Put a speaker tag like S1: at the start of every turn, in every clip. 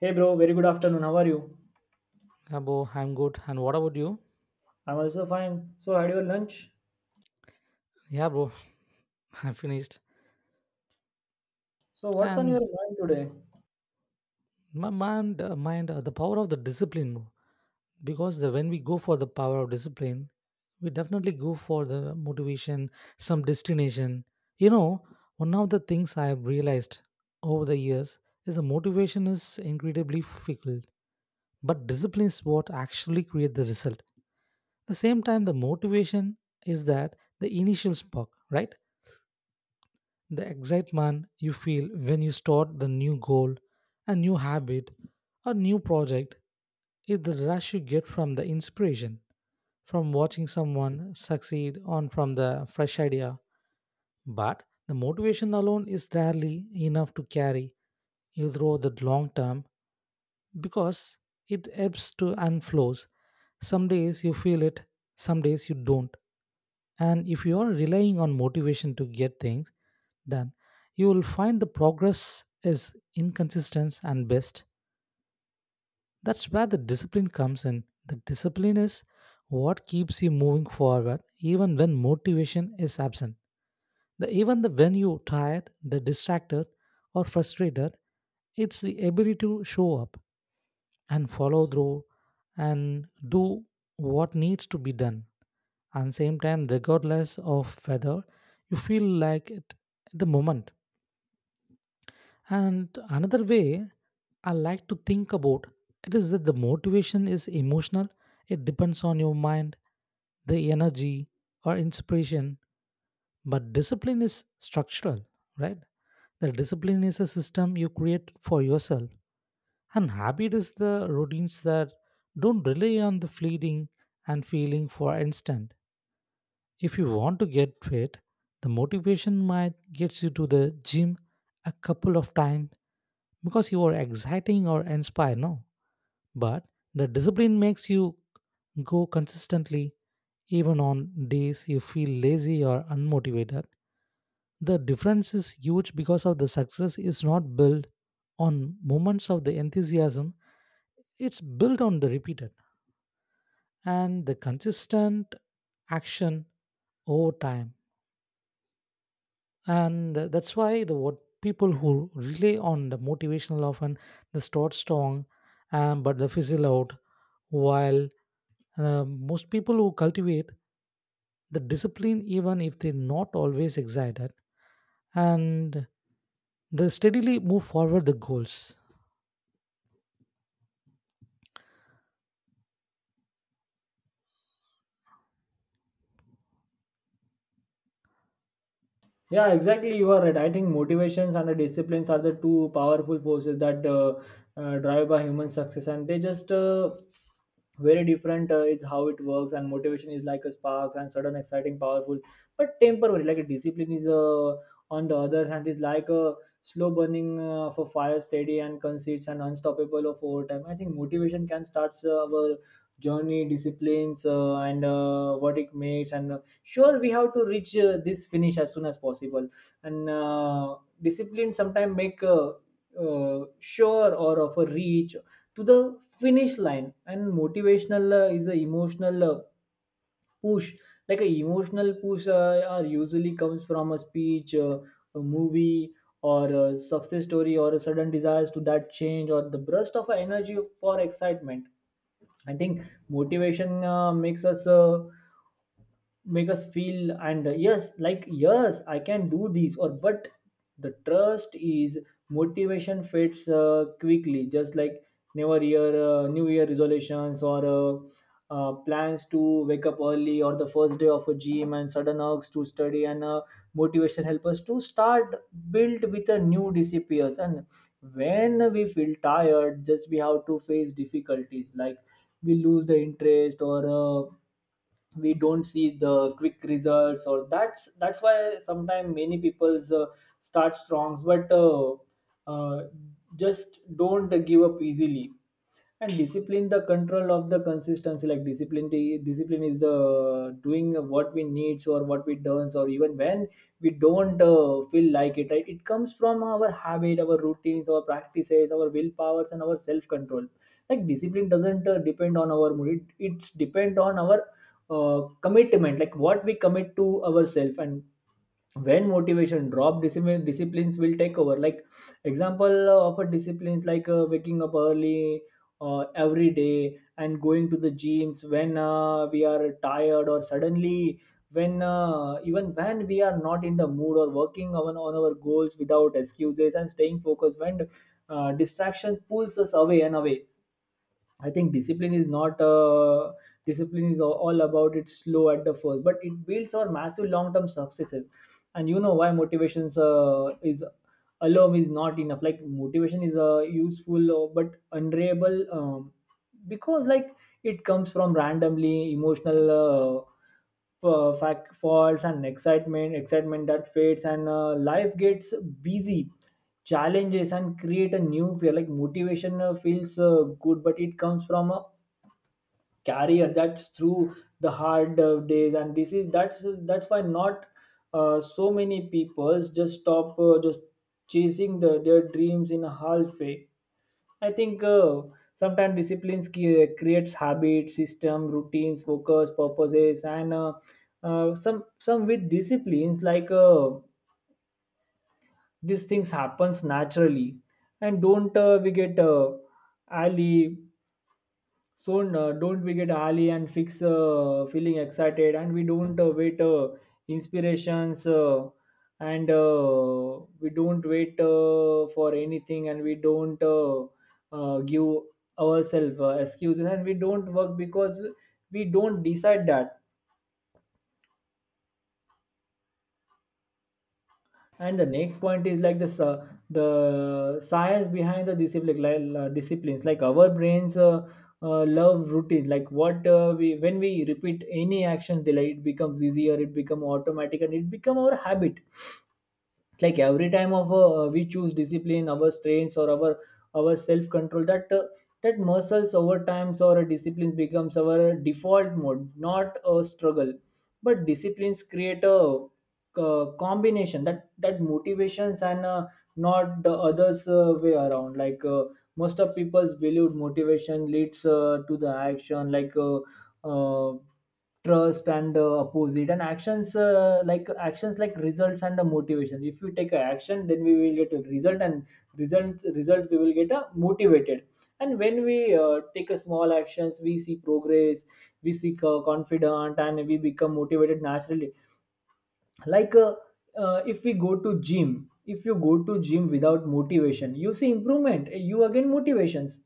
S1: Hey bro, very good afternoon. How are you?
S2: Yeah, bro, I'm good. And what about you?
S1: I'm also fine. So, had your lunch?
S2: Yeah, bro, I'm finished.
S1: So, what's on your
S2: And
S1: mind today?
S2: my mind, the power of the discipline, bro. When we go for the power of discipline, we definitely go for the motivation, some destination. You know, one of the things I have realized over the years is the motivation is incredibly fickle, but discipline is what actually create the result. The same time, the motivation is that the initial spark, right? The excitement you feel when you start the new goal, a new habit, or new project is the rush you get from the inspiration, from watching someone succeed, on from the fresh idea. But the motivation alone is rarely enough to carry you through the long term because it ebbs to and flows. Some days you feel it, some days you don't. And if you are relying on motivation to get things done, you will find the progress is inconsistent and best. That's where the discipline comes in. The discipline is what keeps you moving forward even when motivation is absent. When you're tired, the distracted, or frustrated, it's the ability to show up and follow through and do what needs to be done, and same time regardless of whether you feel like it at the moment. And another way I like to think about it is that the motivation is emotional. It depends on your mind, the energy, or inspiration, but discipline is structural, right? The discipline is a system you create for yourself, and habit is the routines that don't rely on the fleeting and feeling for instant. If you want to get fit, the motivation might get you to the gym a couple of times because you are exciting or inspired, no? But the discipline makes you go consistently even on days you feel lazy or unmotivated. The difference is huge because of the success is not built on moments of the enthusiasm, it's built on the repeated and the consistent action over time. And that's why the what people who rely on the motivational often they start strong, but they fizzle out, while most people who cultivate the discipline, even if they're not always excited, and they steadily move forward the goals.
S1: Yeah, exactly. You are right. I think motivations and the disciplines are the two powerful forces that drive by human success, and they just very different is how it works. And motivation is like a spark and sudden, exciting, powerful, but temporary. Like a discipline is on the other hand is like a slow burning of a fire, steady and concise and unstoppable of over time. I think motivation can start our journey, disciplines, and what it makes and sure we have to reach this finish as soon as possible and discipline sometimes make sure or of a reach to the finish line, and motivational is a emotional push, like a emotional push are usually comes from a speech, a movie or a success story or a sudden desire to that change or the burst of energy for excitement. I think motivation make us feel and yes, like yes I can do this, or but the trust is motivation fades quickly, just like never year, new year resolutions, or plans to wake up early, or the first day of a gym and sudden urges to study. And Motivation help us to start build with a new disappears, and when we feel tired just we have to face difficulties, like we lose the interest, or we don't see the quick results, or that's why sometimes many people's start strongs but uh, just don't give up easily. And discipline the control of the consistency, like discipline is the doing what we needs or what we does, or even when we don't feel like it, right? It comes from our habit, our routines, our practices, our willpowers, and our self control. Like discipline doesn't depend on our mood, it's depend on our commitment, like what we commit to ourselves. And when motivation drop, discipline disciplines will take over, like example of a disciplines, like waking up early every day and going to the gyms when we are tired, or suddenly when even when we are not in the mood, or working on our goals without excuses and staying focused when distraction pulls us away and away. I think discipline is not discipline is all about it slow at the first, but it builds our massive long term successes. And you know why motivations is alone is not enough. Like motivation is useful but unreliable, because like it comes from randomly emotional fact faults and excitement that fades, and life gets busy, challenges and create a new fear. Like motivation feels good but it comes from a carrier that's through the hard days, and this is that's why not so many people just stop just chasing their dreams in a halfway. I think sometimes creates habits, system, routines, focus, purposes, and some with disciplines, like these things happens naturally, and don't we get ali soon, don't we get ali and fix feeling excited, and we don't wait inspirations, and we don't wait for anything, and we don't give ourselves excuses, and we don't work because we don't decide that. And the next point is like the science behind the discipline, like disciplines, like our brains love routine, like what we when we repeat any action, they like it becomes easier, it become automatic, and it become our habit. Like every time of we choose discipline, our strengths or our self control, that that muscles over times, or disciplines becomes our default mode, not a struggle. But disciplines create a, combination that motivations and not the others way around, like most of people's believed motivation leads to the action, like uh, trust and opposite, and actions like actions like results and the motivation. If you take a action, then we will get a result, and result we will get a motivated. And when we take a small actions, we see progress, we see confident, and we become motivated naturally. Like if we go to gym If you go to gym without motivation, you see improvement, you again motivations,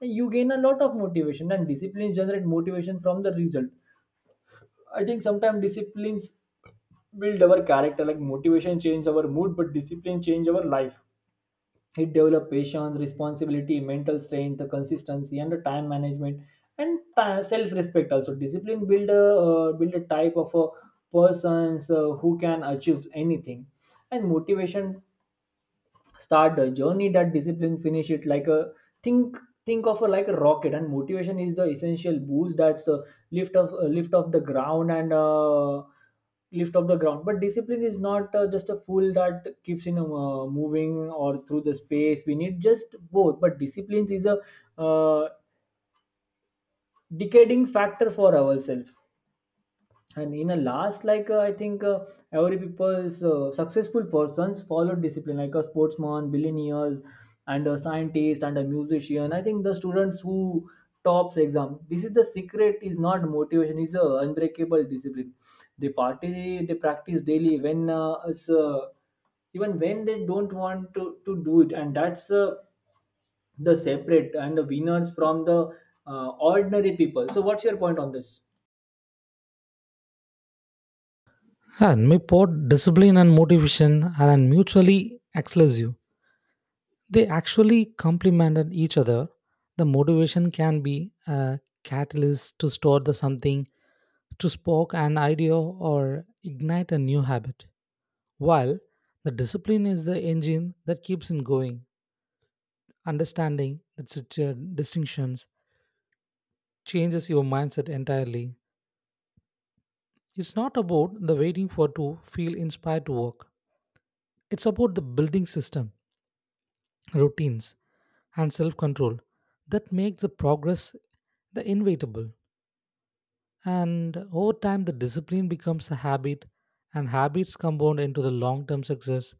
S1: you gain a lot of motivation, and discipline generate motivation from the result. I think sometimes disciplines build our character. Like motivation change our mood, but discipline change our life. It develop patience, responsibility, mental strength, the consistency, and the time management, and self respect. Also, discipline build a build a type of a persons who can achieve anything, and motivation start the journey that discipline finish it. Like a think think of a like a rocket, and motivation is the essential boost that's lift of lift off the ground, but discipline is not just a fool that keeps in moving or through the space. We need just both, but discipline is a uh, decaying factor for ourselves. And in a last, like I think every people's successful persons followed discipline, like a sportsman, billionaires, and a scientist, and a musician. I think the students who tops exam, this is the secret is not motivation, is a unbreakable discipline. They party, they practice daily when even when they don't want to do it, and that's the separate and the winners from the ordinary people. So what's your point on this?
S2: And my pod discipline and motivation are mutually exclusive. They actually complemented each other. The motivation can be a catalyst to start the something, to spark an idea or ignite a new habit, while the discipline is the engine that keeps it going. Understanding the distinctions changes your mindset entirely. It's not about the waiting for to feel inspired to work. It's about the building system, routines, and self-control that make the progress the inevitable. And over time, the discipline becomes a habit, and habits compound into the long term success.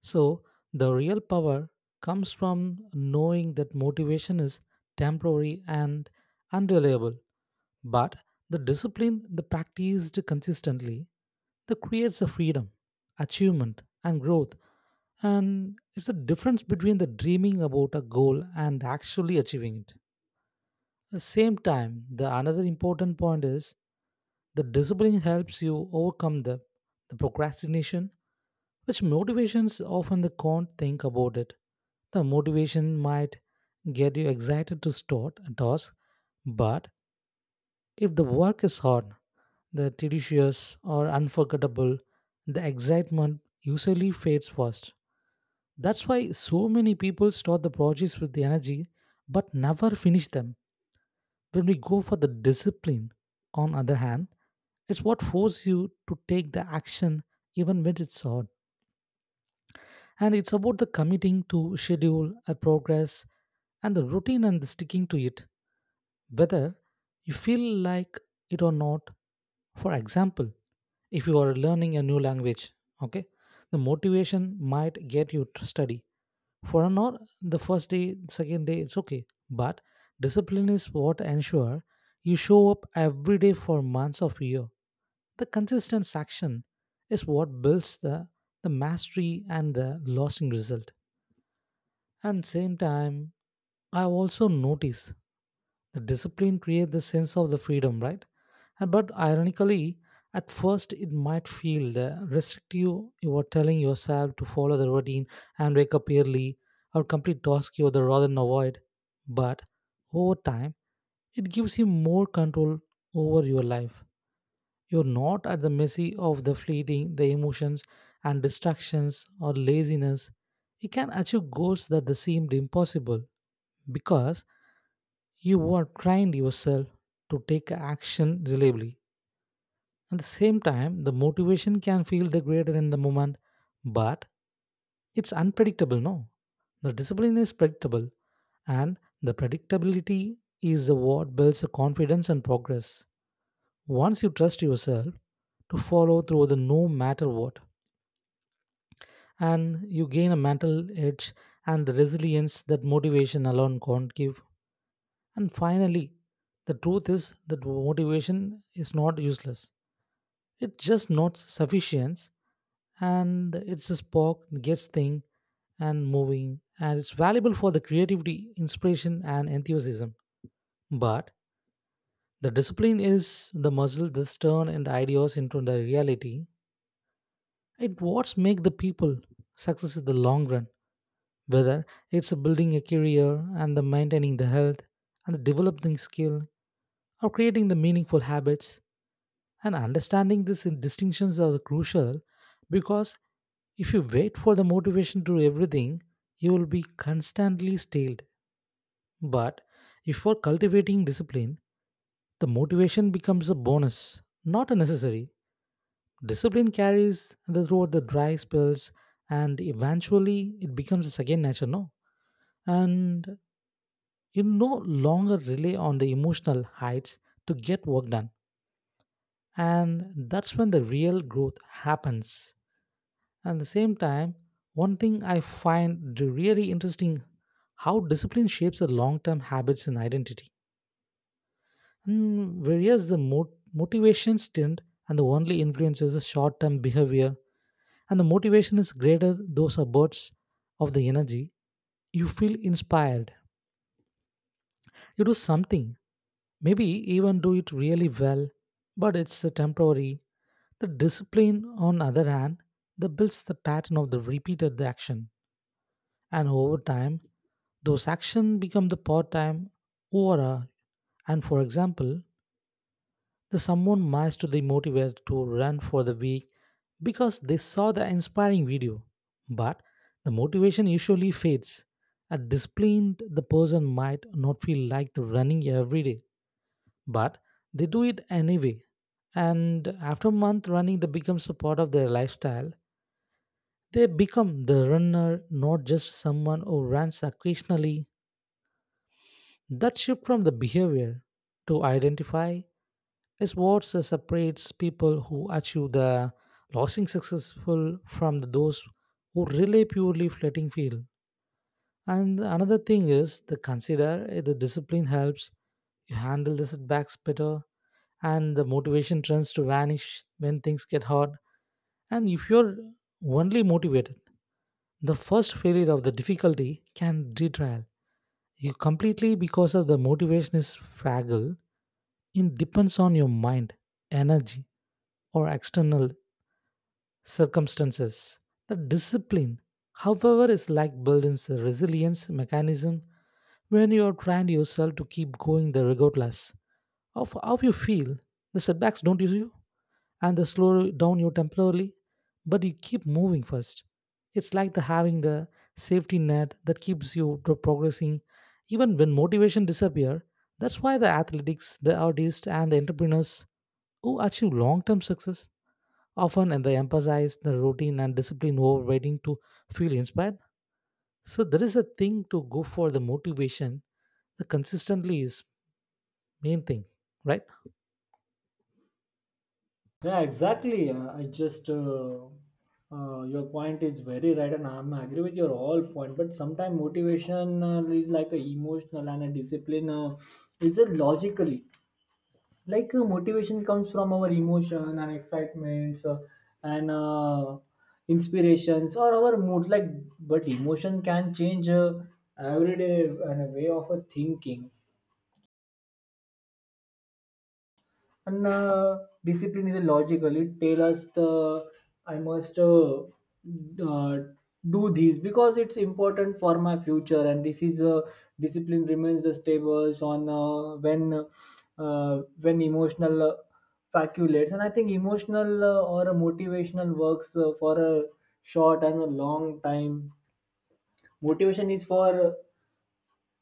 S2: So, the real power comes from knowing that motivation is temporary and unreliable, but the discipline, the practiced consistently, that creates a freedom, achievement, and growth. And it's the difference between the dreaming about a goal and actually achieving it. The same time, the another important point is the discipline helps you overcome the procrastination, which motivations often they can't think about it. The motivation might get you excited to start a task, but if the work is hard, the tedious or unforgettable, the excitement usually fades first. That's why so many people start the projects with the energy but never finish them. When we go for the discipline, on other hand, it's what forces you to take the action even when it's hard. And it's about the committing to schedule a progress and the routine and the sticking to it, whether you feel like it or not. For example, if you are learning a new language, okay, the motivation might get you to study for an hour, the first day, second day, it's okay. But discipline is what ensure you show up every day for months of year. The consistent action is what builds the mastery and the lasting result. And same time, I have also noticed the discipline creates the sense of the freedom, right? But ironically, at first it might feel the restrictive. You are telling yourself to follow the routine and wake up early or complete tasks you would rather than avoid. But over time, it gives you more control over your life. You're not at the mercy of the fleeting, the emotions and distractions or laziness. You can achieve goals that they seemed impossible because you are trying yourself to take action reliably. At the same time, the motivation can feel the greater in the moment, but it's unpredictable, no? The discipline is predictable, and the predictability is what builds the confidence and progress. Once you trust yourself to follow through the no matter what, and you gain a mental edge and the resilience that motivation alone can't give. And finally, the truth is that motivation is not useless. It's just not sufficient, and it's a spark that gets thing and moving, and it's valuable for the creativity, inspiration and enthusiasm. But the discipline is the muscle that turn and ideas into the reality. It what's make the people success in the long run, whether it's building a career and the maintaining the health and the developing skill or creating the meaningful habits. And understanding these distinctions are crucial because if you wait for the motivation to do everything, you will be constantly stalled. But if for cultivating discipline, the motivation becomes a bonus, not a necessary. Discipline carries the throughout the dry spells, and eventually it becomes a second nature, no? And you no longer rely on the emotional heights to get work done. And that's when the real growth happens. At the same time, one thing I find really interesting how discipline shapes the long-term habits and identity. And whereas the motivation stint and the only influence is the short-term behavior, and the motivation is greater those are bursts of the energy. You feel inspired, you do something, maybe even do it really well, but it's a temporary. The discipline, on the other hand, that builds the pattern of the repeated action, and over time, those actions become the part-time aura. And for example, the someone might to be motivated to run for the week because they saw the inspiring video, but the motivation usually fades. A disciplined the person might not feel like the running every day, but they do it anyway. And after a month, running that becomes a part of their lifestyle. They become the runner, not just someone who runs occasionally. That shift from the behavior to identify is what separates people who achieve the losing successful from those who rely purely fleeting feel. And another thing is the consider the discipline helps you handle the setbacks better, and the motivation tends to vanish when things get hard. And if you're only motivated, the first failure of the difficulty can retrial you completely because of the motivation is fragile. It depends on your mind, energy, or external circumstances. The discipline, however, is like building a resilience mechanism. When you are trying yourself to keep going the regardless of how you feel, the setbacks don't use you and they slow down you temporarily, but you keep moving first. It's like the having the safety net that keeps you to progressing even when motivation disappear. That's why the athletics, the artists and the entrepreneurs who achieve long-term success often, and they emphasize the routine and discipline over waiting to feel inspired. So there is a thing to go for the motivation. The consistently is main thing, right?
S1: Yeah, exactly. I just Your point is very right, and I'm agree with your all point. But sometimes motivation is like a emotional and a discipline is it logically, like motivation comes from our emotion and excitements, and inspirations or our moods. Like, but emotion can change every day, and a way of a thinking. And Discipline is logical. It tell us the I must do this because it's important for my future. And this is discipline remains the stables on when emotional faculates. And I think emotional or a motivational works for a short and a long time. Motivation is for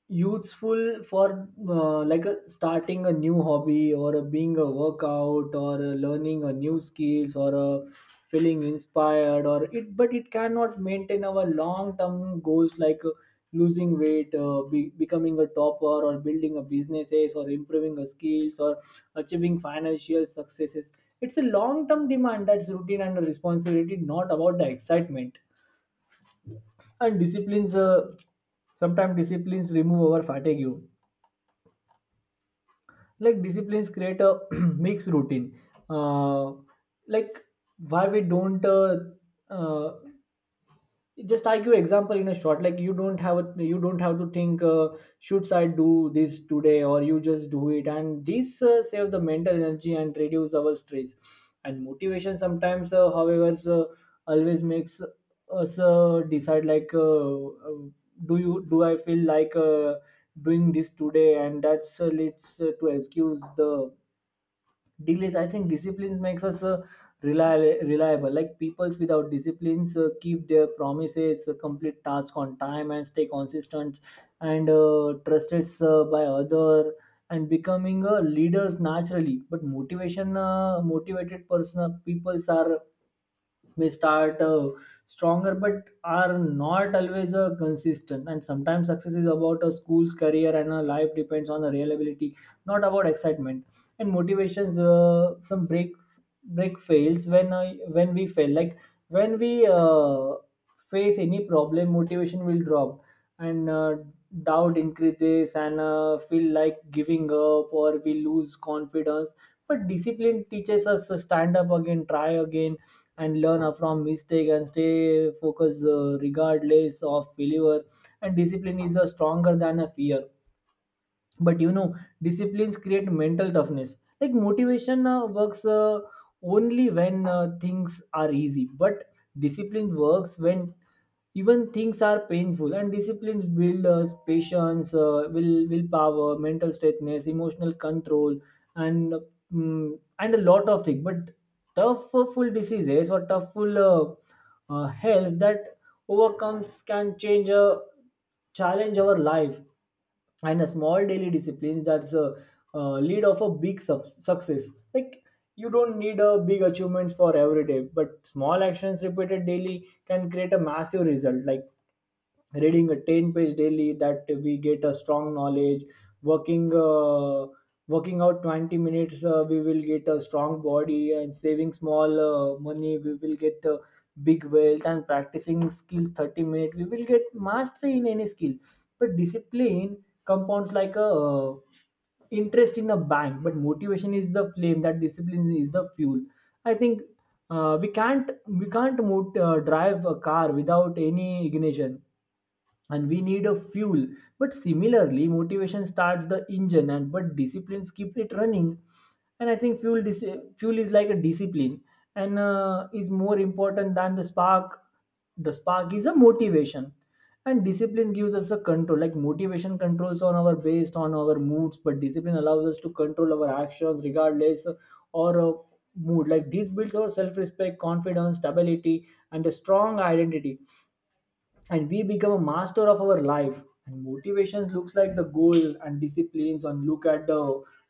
S1: useful for like a, starting a new hobby, or a, being a workout, or a learning a new skills, or a feeling inspired or it, but it cannot maintain our long term goals, like becoming a topper, or building a businesses, or improving a skills, or achieving financial successes. It's a long term demand that's routine and a responsibility, not about the excitement. And disciplines sometimes disciplines remove our fatigue. Like disciplines create a mixed routine, uh, like why we don't uh, just I give example in a short, like you don't have to think should I do this today, or you just do it, and this save the mental energy and reduce our stress. And motivation sometimes however so always makes us decide, like do I feel like doing this today, and that's leads to excuse the delays. I think disciplines makes us reliable, like peoples without disciplines keep their promises, complete task on time and stay consistent, and trusted by other, and becoming leaders naturally. But motivation motivated person, peoples are may start stronger but are not always consistent. And sometimes success is about a school's career and a life depends on the reliability, not about excitement. And motivations some break fails when when we fail, like when we face any problem, motivation will drop, and doubt increases, and feel like giving up, or we lose confidence. But discipline teaches us to stand up again, try again, and learn from mistake, and stay focused regardless of failure. And discipline is stronger than a fear. But you know, disciplines create mental toughness. Like motivation works only when things are easy, but discipline works when even things are painful. And disciplines build patience, willpower, mental straightness, emotional control, and and a lot of things. But tough full diseases, or tough full health that overcomes can change challenge our life. And a small daily discipline that's a lead of a big success. Like you don't need a Big achievements for every day, but small actions repeated daily can create a massive result, like reading a 10-page daily that we get a strong knowledge, working uh, working out 20 minutes, we will get a strong body, and saving small money we will get big wealth, and practicing skill 30 minutes we will get mastery in any skill. But discipline compounds like a interest in a bank, but motivation is the flame that discipline is the fuel. I think we can't drive a car without any ignition and we need a fuel, but similarly motivation starts the engine and but disciplines keep it running. And I think fuel is like a discipline, and is more important than the spark. The spark is a motivation. And discipline gives us a control, like motivation controls on our based on our moods, but discipline allows us to control our actions regardless or mood. Like this builds our self-respect, confidence, stability, and a strong identity, and we become a master of our life. And motivation looks like the goal and disciplines and look at the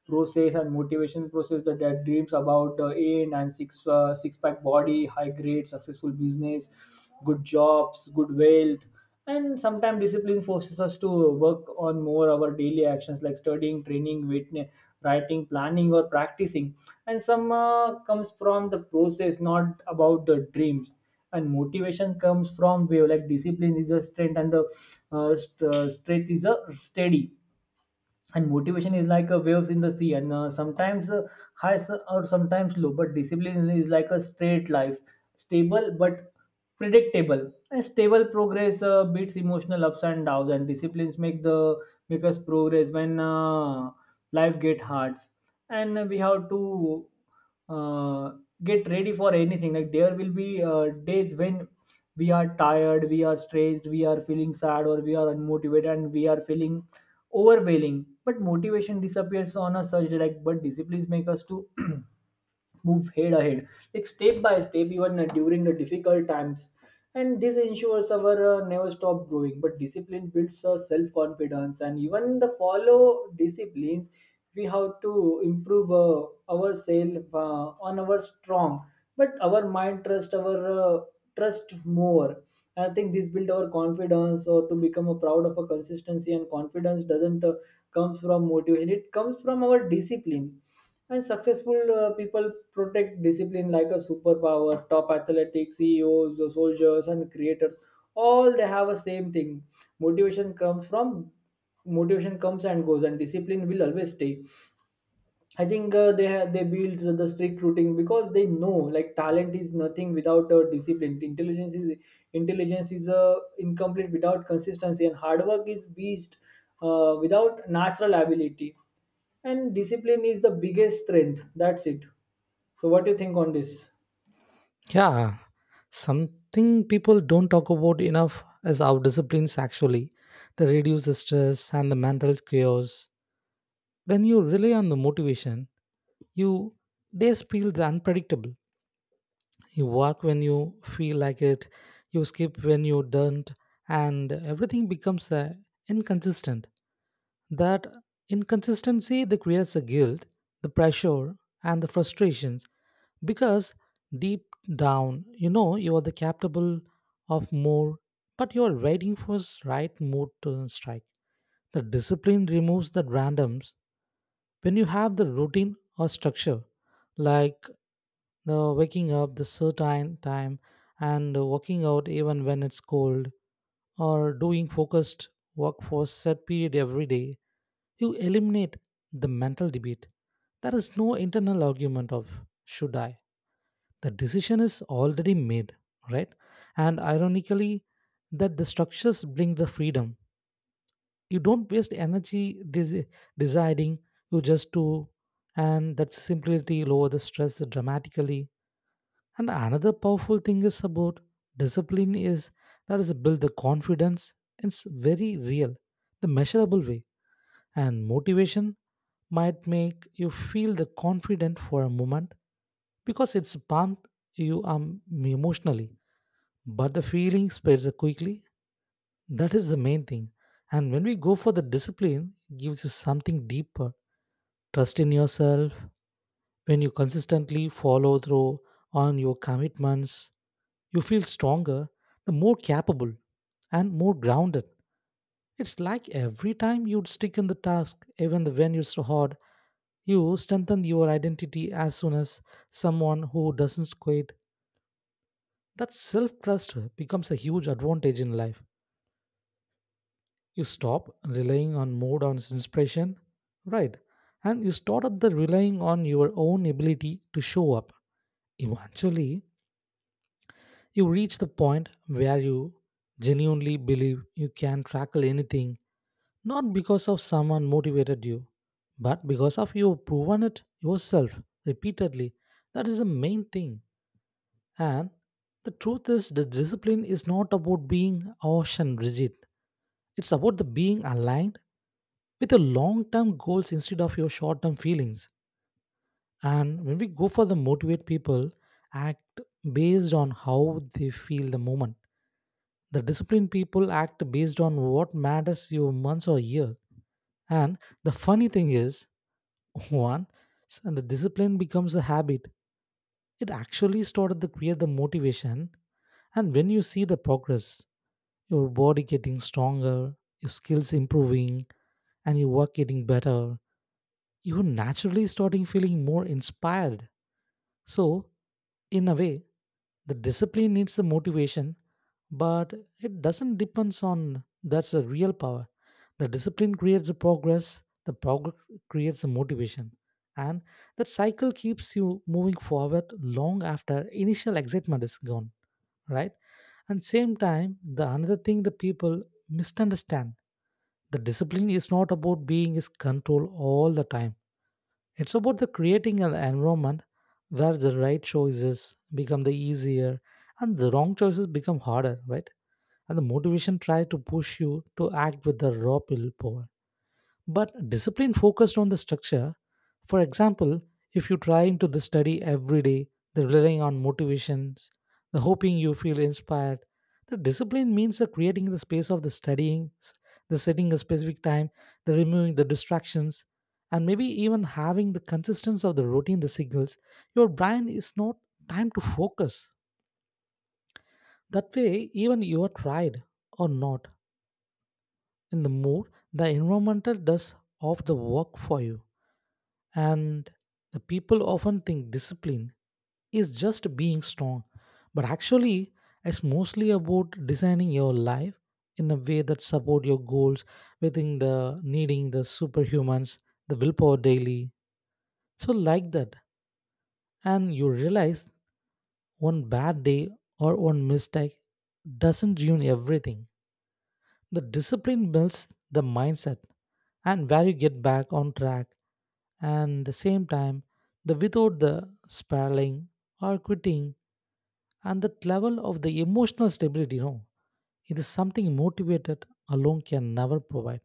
S1: process, and motivation process that dreams about the aim and six pack body, high grade successful business, good jobs, good wealth. And sometimes discipline forces us to work on more our daily actions like studying, training, witness, writing, planning, or practicing, and some comes from the process, not about the dreams. And motivation comes from wave, like discipline is a strength and the strength is a steady, and motivation is like a waves in the sea, and sometimes high or sometimes low, but discipline is like a straight life, stable but predictable, and stable progress beats emotional ups and downs. And disciplines make us progress when life get hard, and we have to uh, get ready for anything. Like there will be days when we are tired, we are stressed, we are feeling sad, or we are unmotivated, and we are feeling overwhelming, but motivation disappears on a surge, like but disciplines make us to move head ahead, like step by step, even during the difficult times. And this ensures our never stop growing. But discipline builds self-confidence, and even the follow disciplines we have to improve ourselves on our strong, but our mind trust our uh, trust more. I think this build our confidence or to become a proud of a consistency, and confidence doesn't comes from motivation, it comes from our discipline. And successful people protect discipline like a superpower. Top athletic CEOs, soldiers, and creators, all they have a same thing. Motivation comes from Motivation comes and goes, and discipline will always stay. I think they build the strict routine because they know, like talent is nothing without discipline. Intelligence is incomplete without consistency, and hard work is beast without natural ability. And discipline is the biggest strength. That's it. So, what do you think on this?
S2: Yeah. Something people don't talk about enough is our disciplines actually. They reduce the stress and the mental chaos. When you rely on the motivation, you days feel the unpredictable. You work when you feel like it, you skip when you don't, and everything becomes inconsistent. That inconsistency that creates the guilt, the pressure, and the frustrations because deep down you know you are the capable of more, but you are waiting for right mood to strike. The discipline removes that randoms when you have the routine or structure, like the waking up the certain time and working out even when it's cold or doing focused work for a set period every day, you eliminate the mental debate. There is no internal argument of should I. The decision is already made, right? And ironically, that the structures bring the freedom. You don't waste energy deciding. You just do, and that simplicity lower the stress dramatically. And another powerful thing is about discipline is that is build the confidence. It's very real, the measurable way. And motivation might make you feel the confident for a moment because it's pumped you emotionally. But the feeling spreads quickly. That is the main thing. And when we go for the discipline, it gives you something deeper, trust in yourself. When you consistently follow through on your commitments, you feel stronger, the more capable, and more grounded. It's like every time you stick in the task, even when it's hard, you strengthen your identity as soon as someone who doesn't quit. That self trust becomes a huge advantage in life. You stop relying on mode on inspiration, right? And you start up the relying on your own ability to show up. Eventually, you reach the point where you genuinely believe you can tackle anything, not because of someone motivated you, but because of you proven it yourself repeatedly. That is the main thing. And the truth is, the discipline is not about being ocean rigid. It's about the being aligned with your long-term goals instead of your short-term feelings. And when we go for the motivate people, act based on how they feel the moment. The disciplined people act based on what matters you months or year. And the funny thing is, one, the discipline becomes a habit. It actually started to create the motivation. And when you see the progress, your body getting stronger, your skills improving, and your work getting better, you naturally starting feeling more inspired. So, in a way, the discipline needs the motivation, but it doesn't depends on that's the real power. The discipline creates the progress creates the motivation, and that cycle keeps you moving forward long after initial excitement is gone, right? And same time, the another thing the people misunderstand the discipline is not about being is control all the time. It's about the creating an environment where the right choices become the easier and the wrong choices become harder, right? And the motivation tries to push you to act with the raw willpower. But discipline focused on the structure. For example, if you try to the study every day, the relying on motivations, the hoping you feel inspired, the discipline means the creating the space of the studying, the setting a specific time, the removing the distractions, and maybe even having the consistency of the routine, the signals. Your brain is not time to focus. That way, even you are tried or not in the mood, the environmental does of the work for you. And the people often think discipline is just being strong, but actually, it's mostly about designing your life in a way that support your goals within the needing the superhumans, the willpower daily. So like that, and you realize one bad day or one mistake doesn't ruin everything. The discipline builds the mindset and where you get back on track, and the same time the without the spiraling or quitting. And that level of the emotional stability. It is something motivated alone can never provide,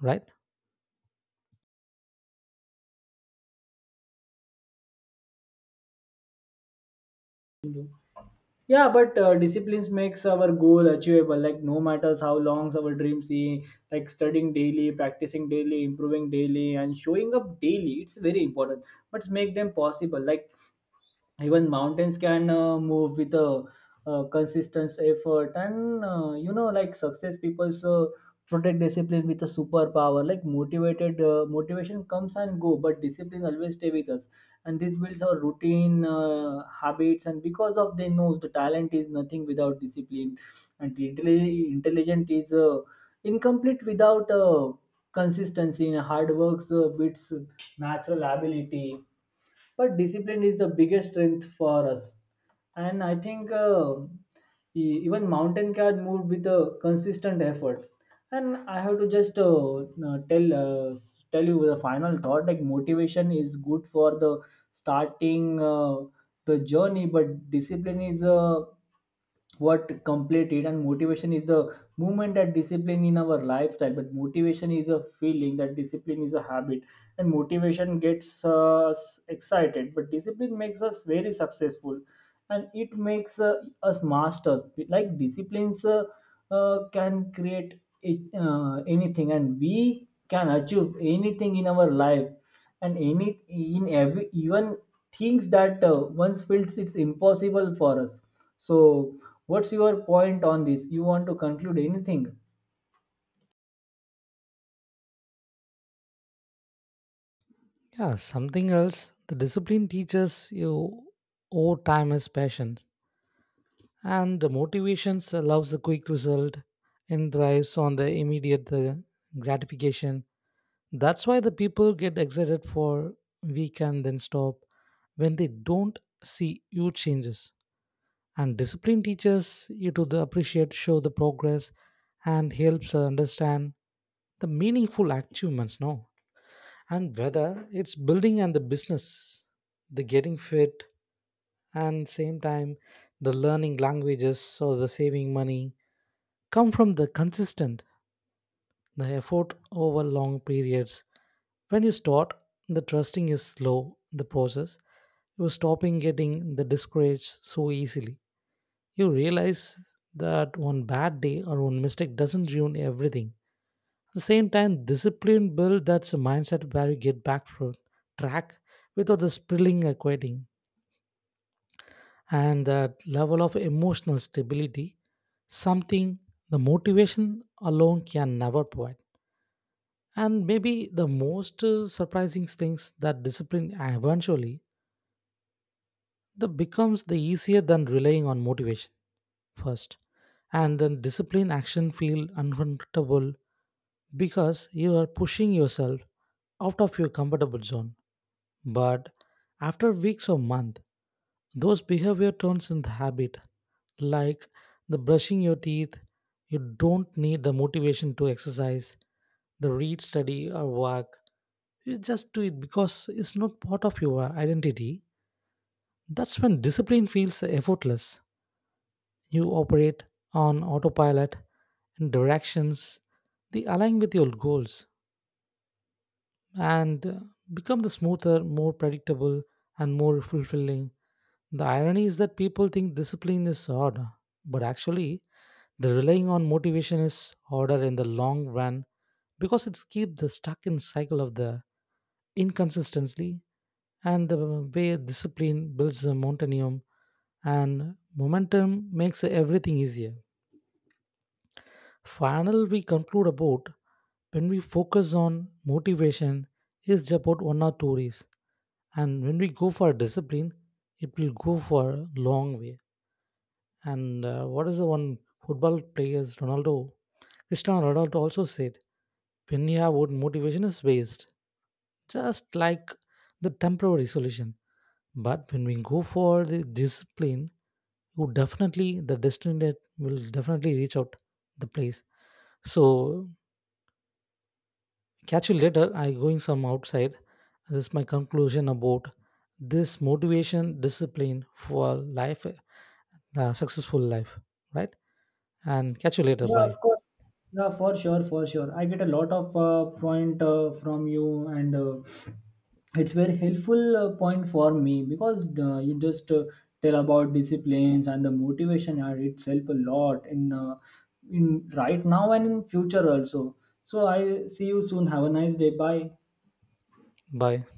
S2: right?
S1: Yeah, but disciplines makes our goal achievable. Like no matters how long our dream see, like studying daily, practicing daily, improving daily, and showing up daily. It's very important. But make them possible. Like even mountains can move with a, consistent effort, and you know like success people protect discipline with a superpower, like motivated motivation comes and go but discipline always stay with us. And this builds our routine habits, and because of they knows the talent is nothing without discipline, and the intelligent is incomplete without consistency, and hard works beats natural ability, but discipline is the biggest strength for us. And I think even mountain can move with a consistent effort. And I have to just tell tell you the final thought, like motivation is good for the starting the journey, but discipline is what completed. And motivation is the movement that discipline in our lifestyle, but motivation is a feeling that discipline is a habit. And motivation gets us excited, but discipline makes us very successful, and it makes us master. Like disciplines can create it, anything, and we can achieve anything in our life, and any in every even things that once feels it's impossible for us. So what's your point on this? You want to conclude anything?
S2: Yeah, something else the discipline teaches you over time is patience. And the motivations allows the quick result and thrives on the immediate gratification. That's why the people get excited for weekend then stop when they don't see huge changes. And discipline teaches you to the appreciate, show the progress, and helps us understand the meaningful achievements now. And whether it's building and the business, the getting fit, and same time the learning languages or the saving money come from the consistent the effort over long periods. When you start, the trusting is slow, the process. You are stopping getting the discouraged so easily. You realize that one bad day or one mistake doesn't ruin everything. At the same time, discipline build that's a mindset where you get back from track without the spilling or quitting. And that level of emotional stability, something the motivation alone can never provide. And maybe the most surprising things that discipline eventually the becomes the easier than relying on motivation first. And then discipline action feel uncomfortable because you are pushing yourself out of your comfortable zone. But after weeks or month, those behavior turns into habit, like the brushing your teeth. You don't need the motivation to exercise, the read, study, or work. You just do it because it's not part of your identity. That's when discipline feels effortless. You operate on autopilot and directions they align with your goals, and become the smoother, more predictable, and more fulfilling. The irony is that people think discipline is hard, but actually, the relying on motivation is harder in the long run because it keeps the stuck in cycle of the inconsistency and the way discipline builds the momentum, and momentum makes everything easier. Final, we conclude about when we focus on motivation, is about 1 or 2 days. And when we go for discipline, it will go for a long way. And what is the one football players, Ronaldo, Cristiano Ronaldo also said, when you have what motivation is waste, just like the temporary solution. But when we go for the discipline, you definitely the destination will definitely reach out the place. So catch you later. I going some outside. This is my conclusion about this motivation discipline for life, successful life, right? And catch you later.
S1: Yeah, of
S2: Bye.
S1: course. Yeah, for sure, for sure. I get a lot of point from you, and it's very helpful point for me, because you just tell about disciplines and the motivation are itself a lot in right now and in future also. So I see you soon. Have a nice day. Bye.
S2: Bye.